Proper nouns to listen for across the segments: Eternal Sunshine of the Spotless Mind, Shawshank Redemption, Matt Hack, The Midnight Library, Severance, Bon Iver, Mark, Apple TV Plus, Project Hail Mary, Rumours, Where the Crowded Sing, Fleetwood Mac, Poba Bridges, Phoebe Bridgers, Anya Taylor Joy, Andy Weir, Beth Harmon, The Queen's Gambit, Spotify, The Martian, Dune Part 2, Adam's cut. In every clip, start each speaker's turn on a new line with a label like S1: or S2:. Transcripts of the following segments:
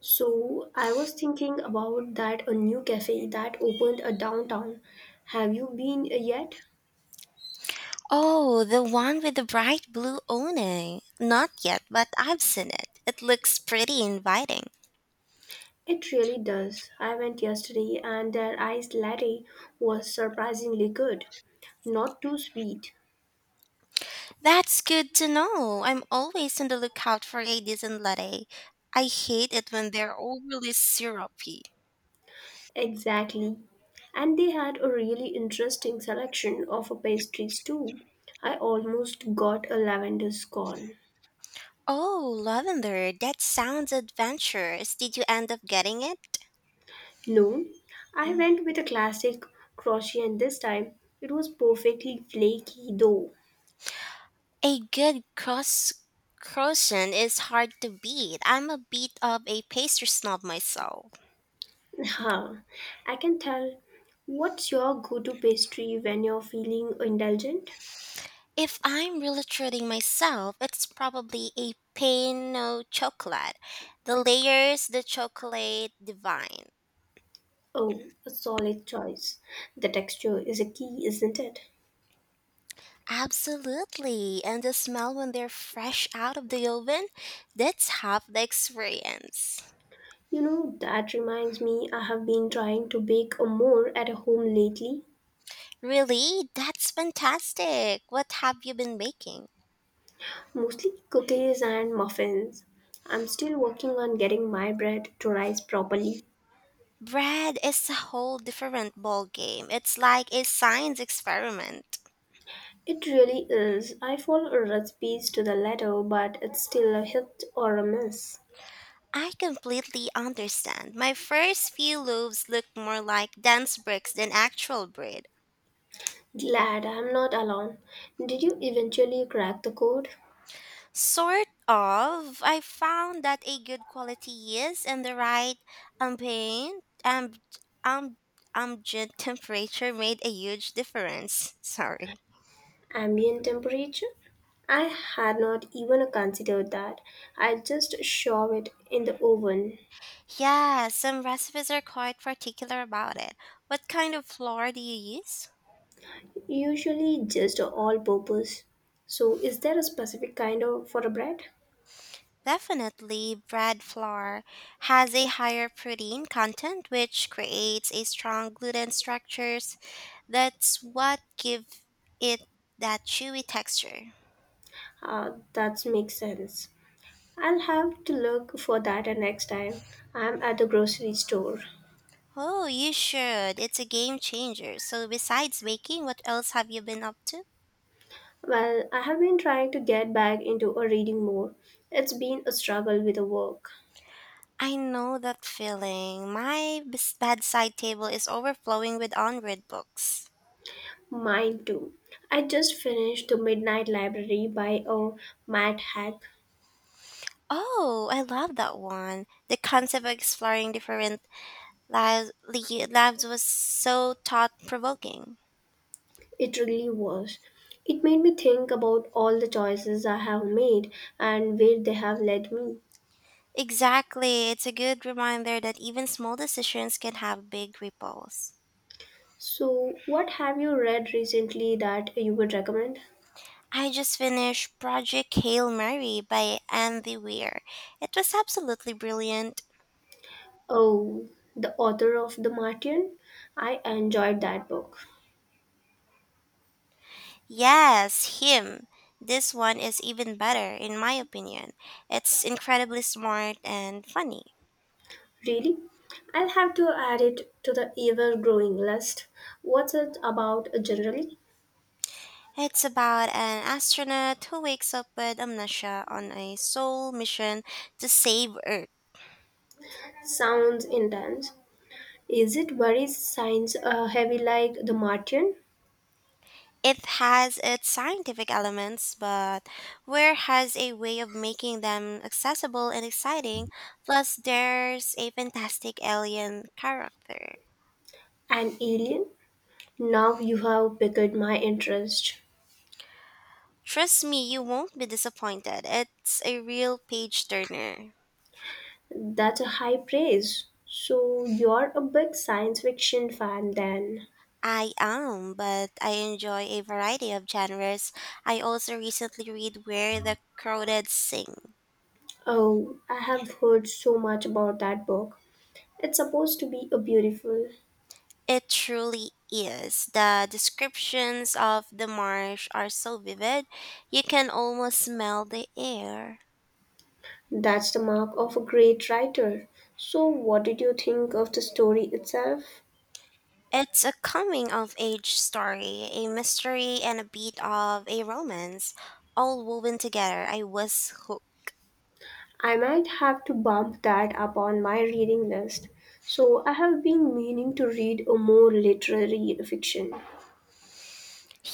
S1: So, I was thinking about that a new cafe that opened a downtown. Have you been yet?
S2: Oh, the one with the bright blue awning. Not yet, but I've seen it. It looks pretty inviting.
S1: It really does. I went yesterday and their iced latte was surprisingly good. Not too sweet.
S2: That's good to know. I'm always on the lookout for a decent latte. I hate it when they're overly syrupy.
S1: Exactly. And they had a really interesting selection of pastries too. I almost got a lavender scone.
S2: Oh, lavender, that sounds adventurous. Did you end up getting it?
S1: No, I
S2: Mm.
S1: went with a classic croissant this time. It was perfectly flaky though.
S2: A good cross croissant is hard to beat. I'm a bit of a pastry snob myself.
S1: Huh. I can tell. What's your go to pastry when you're feeling indulgent?
S2: If I'm really treating myself, it's probably a Pinot chocolate. The layers, the chocolate, divine.
S1: Oh, a solid choice. The texture is a key, isn't it?
S2: Absolutely. And the smell when they're fresh out of the oven, that's half the experience.
S1: You know, that reminds me, I have been trying to bake a more at home lately,
S2: Really? That's fantastic. What have you been making?
S1: mostly cookies and muffins. I'm still working on getting my bread to rise properly.
S2: Bread is a whole different ballgame. It's like a science experiment.
S1: It really is. I follow recipes to the letter, but it's still a hit or a miss.
S2: I completely understand. My first few loaves look more like dense bricks than actual bread.
S1: Glad I'm not alone. Did you eventually crack the code?
S2: Sort of. I found that a good quality yeast and the right ambient um, um, ambient temperature made a huge difference. Sorry.
S1: Ambient temperature? I had not even considered that. I just shove it in the oven,
S2: Yeah, some recipes are quite particular about it. What kind of flour do you use?
S1: usually just all purpose. So, is there a specific kind of for a bread?
S2: Definitely, bread flour has a higher protein content, which creates a strong gluten structures. That's what give it that chewy texture.
S1: That makes sense. I'll have to look for that next time I'm at the grocery store.
S2: Oh, you should. It's a game changer. So besides baking, what else have you been up to?
S1: Well, I have been trying to get back into a reading more. It's been a struggle with the work.
S2: I know that feeling. My bedside table is overflowing with unread books.
S1: Mine too. I just finished The Midnight Library by a Matt Hack.
S2: Oh, I love that one. The concept of exploring different Lives, lives was so thought provoking.
S1: It really was. It made me think about all the choices I have made and where they have led me.
S2: Exactly, it's a good reminder that even small decisions can have big ripples.
S1: So, what have you read recently that you would recommend?
S2: I just finished Project Hail Mary by Andy Weir. It was absolutely brilliant.
S1: Oh, the author of The Martian? I enjoyed that book.
S2: Yes, him. This one is even better, in my opinion. It's incredibly smart and funny.
S1: Really? I'll have to add it to the ever growing list. What's it about generally?
S2: It's about an astronaut who wakes up with amnesia on a soul mission to save Earth.
S1: Sounds intense. Is it worries signs heavy like the Martian
S2: It has its scientific elements, but Ware has a way of making them accessible and exciting. Plus, there's a fantastic alien character.
S1: and Alien? Now you have piqued my interest.
S2: Trust me, you won't be disappointed. It's a real page turner.
S1: That's a high praise. So you're a big science fiction fan then.
S2: I am, but I enjoy a variety of genres. I also recently read Where the Crowded Sing.
S1: Oh, I have heard so much about that book. It's supposed to be a beautiful.
S2: It truly is. The descriptions of the marsh are so vivid, you can almost smell the air.
S1: That's the mark of a great writer. So what did you think of the story itself?
S2: It's a coming of age story, a mystery and a beat of a romance, all woven together. I was hooked.
S1: I might have to bump that up on my reading list. So, I have been meaning to read a more literary fiction.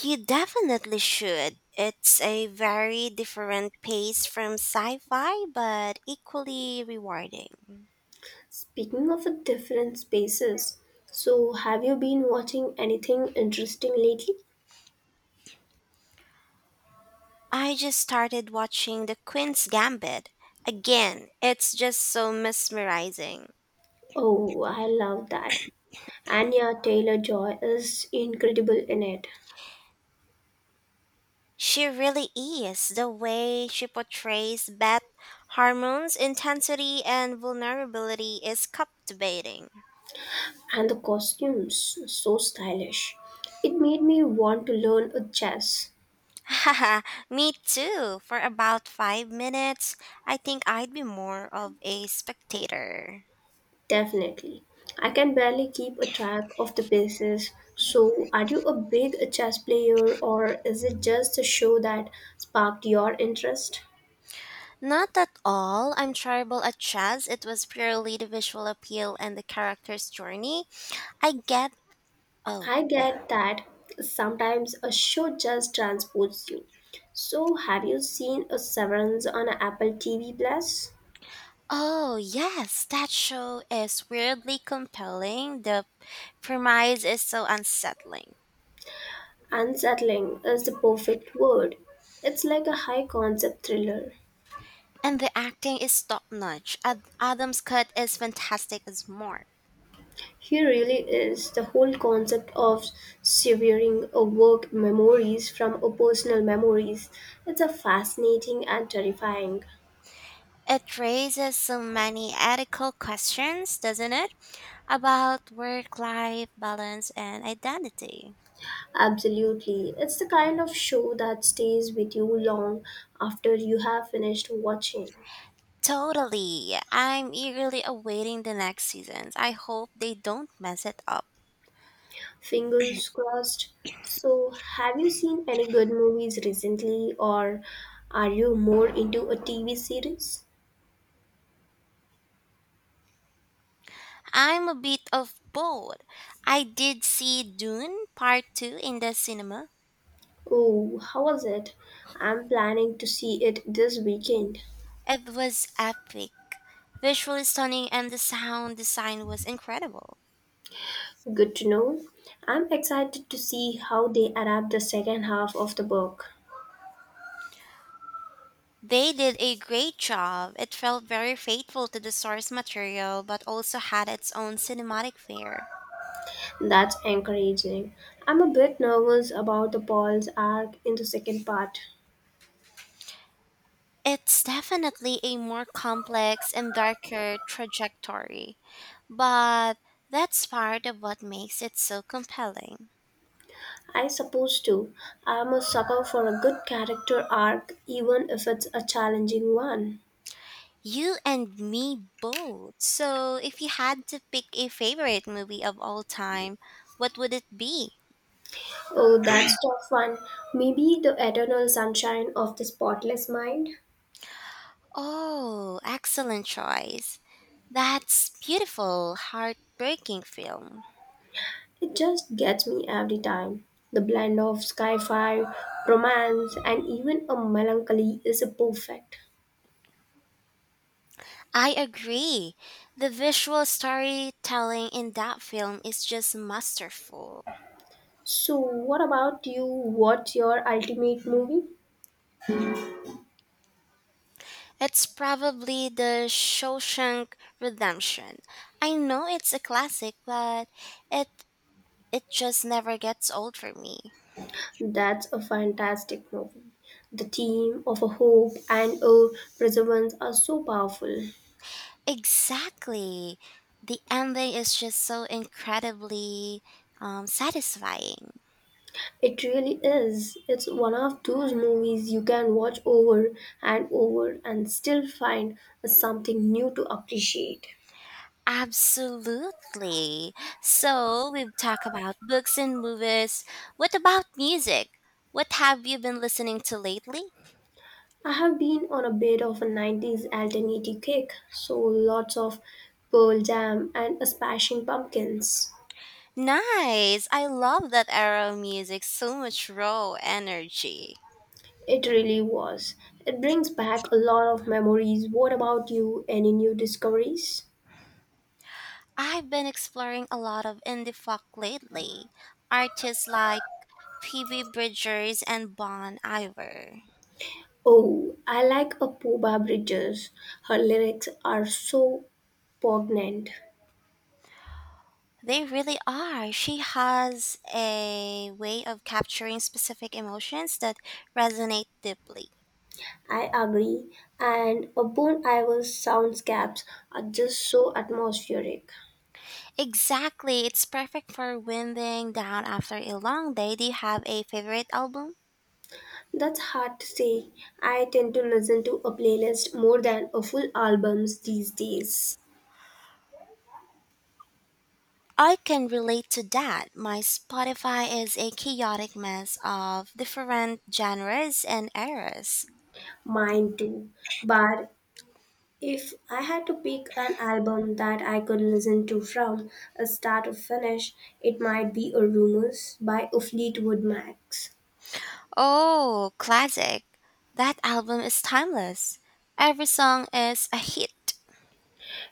S2: You definitely should. It's a very different pace from sci fi, but equally rewarding.
S1: Speaking of a different spaces, so have you been watching anything interesting lately?
S2: I just started watching The Queen's Gambit. Again, it's just so mesmerizing.
S1: Oh, I love that. Anya Taylor Joy is incredible in it,
S2: She really is. The way she portrays Beth Harmon's intensity and vulnerability is captivating.
S1: and the costumes so stylish. It made me want to learn a chess.
S2: Haha, me too. For about 5 minutes, I think I'd be more of a spectator.
S1: Definitely. I can barely keep a track of the bases. So, are you a big chess player or is it just a show that sparked your interest?
S2: Not at all. I'm terrible at chess. It was purely the visual appeal and the character's journey. I get. Oh.
S1: I get that sometimes a show just transports you. So, have you seen a Severance on Apple TV Plus?
S2: Oh, yes, that show is weirdly compelling. The premise is so unsettling.
S1: Unsettling is the perfect word. It's like a high concept thriller.
S2: And the acting is top notch. Adam's cut is fantastic as Mark.
S1: Here really is the whole concept of severing a work memories from a personal memories. It's a fascinating and terrifying.
S2: It raises so many ethical questions, doesn't it? About work life balance and identity.
S1: Absolutely. It's the kind of show that stays with you long after you have finished watching.
S2: Totally. I'm eagerly awaiting the next seasons. I hope they don't mess it up.
S1: Fingers crossed. So, have you seen any good movies recently or are you more into a TV series?
S2: I'm a bit of both. I did see Dune Part 2 in the cinema.
S1: Oh, how was it? I'm planning to see it this weekend.
S2: It was epic, visually stunning, and the sound design was incredible.
S1: Good to know. I'm excited to see how they adapt the second half of the book.
S2: They did a great job. It felt very faithful to the source material, but also had its own cinematic flair.
S1: That's encouraging. I'm a bit nervous about the Paul's arc in the second part.
S2: It's definitely a more complex and darker trajectory, but that's part of what makes it so compelling.
S1: I suppose too. I'm a sucker for a good character arc, even if it's a challenging one.
S2: You and me both. So, if you had to pick a favorite movie of all time, what would it be?
S1: Oh, that's tough one. Maybe the eternal sunshine of the spotless mind.
S2: Oh, excellent choice. That's beautiful, heartbreaking film.
S1: It just gets me every time. The blend of sci fi, romance, and even a melancholy is a perfect.
S2: I agree. The visual storytelling in that film is just masterful.
S1: So, what about you? What's your ultimate movie?
S2: It's probably the Shawshank Redemption. I know it's a classic, but it it just never gets old for me.
S1: That's a fantastic movie. The theme of a hope and a perseverance are so powerful.
S2: Exactly. The ending is just so incredibly satisfying.
S1: It really is. It's one of those movies you can watch over and over and still find something new to appreciate.
S2: Absolutely. So, we've talked about books and movies. What about music? What have you been listening to lately?
S1: I have been on a bit of a 90s alternative kick, so lots of Pearl Jam and a Smashing Pumpkins.
S2: Nice. I love that era of music. So much raw energy.
S1: It really was. It brings back a lot of memories. What about you? Any new discoveries?
S2: I've been exploring a lot of indie folk lately. Artists like Phoebe Bridgers and Bon Iver.
S1: Oh, I like a Poba Bridges. Her lyrics are so poignant.
S2: They really are. She has a way of capturing specific emotions that resonate deeply.
S1: I agree. And a Bon Iver soundscapes are just so atmospheric.
S2: Exactly. It's perfect for winding down after a long day. Do you have a favorite album?
S1: That's hard to say. I tend to listen to a playlist more than a full albums these days.
S2: I can relate to that. My Spotify is a chaotic mess of different genres and eras.
S1: Mine too. But if I had to pick an album that I could listen to from a start to finish, it might be a Rumours by a Fleetwood Max.
S2: Oh, classic. That album is timeless. Every song is a hit.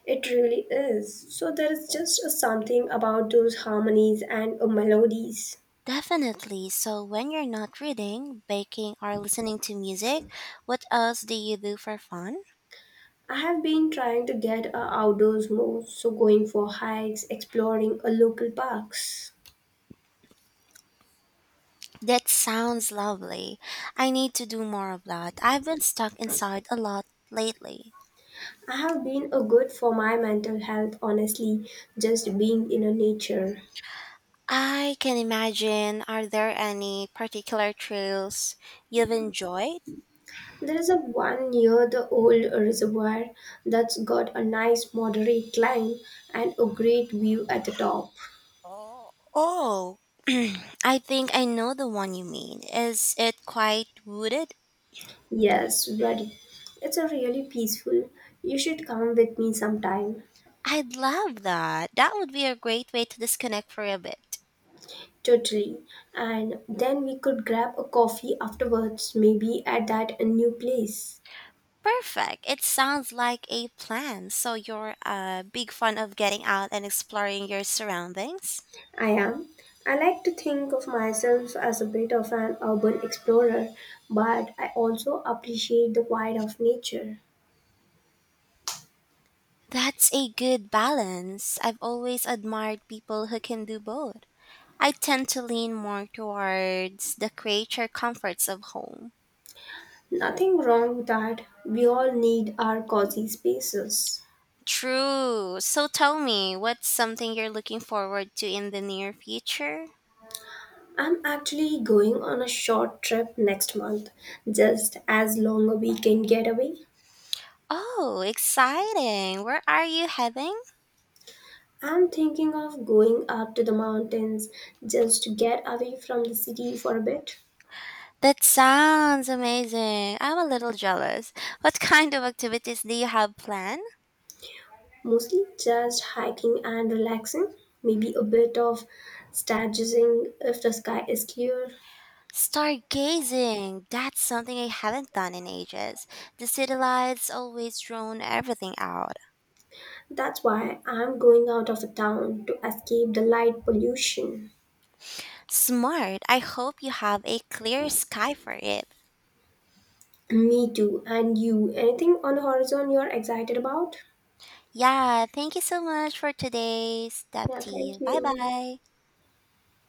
S1: It really is. So there is just a something about those harmonies and melodies.
S2: Definitely. So, when you're not reading, baking, or listening to music, what else do you do for fun?
S1: I have been trying to get a outdoors more, so going for hikes, exploring a local parks.
S2: That sounds lovely. I need to do more of that. I've been stuck inside a lot lately.
S1: I have been a good for my mental health, honestly, just being in a nature.
S2: I can imagine. Are there any particular trails you've enjoyed?
S1: There is a one near the old reservoir that's got a nice moderate climb and a great view at the top.
S2: Oh, I think I know the one you mean. Is it quite wooded?
S1: Yes, very. It's a really peaceful. You should come with me sometime.
S2: I'd love that. That would be a great way to disconnect for a bit.
S1: Totally. And then we could grab a coffee afterwards, maybe at that new place.
S2: Perfect. It sounds like a plan. So you're a big fan of getting out and exploring your surroundings?
S1: I am. I like to think of myself as a bit of an urban explorer, but I also appreciate the quiet of nature.
S2: That's a good balance. I've always admired people who can do both. I tend to lean more towards the creature comforts of home.
S1: Nothing wrong with that. We all need our cozy spaces.
S2: True. So tell me, what's something you're looking forward to in the near future?
S1: I'm actually going on a short trip next month, just as long a weekend getaway.
S2: Oh, exciting. Where are you heading?
S1: I'm thinking of going up to the mountains just to get away from the city for a bit.
S2: That sounds amazing. I'm a little jealous. What kind of activities do you have planned?
S1: Mostly just hiking and relaxing, maybe a bit of stargazing if the sky is clear.
S2: Stargazing. That's something I haven't done in ages. The city lights always drone everything out.
S1: That's why I'm going out of town to escape the light pollution.
S2: Smart. I hope you have a clear sky for it.
S1: Me too. And you, anything on the horizon you're excited about?
S2: Yeah, thank you so much for today's tap
S1: Yeah,
S2: tea.
S1: thank
S2: Bye
S1: you.
S2: bye.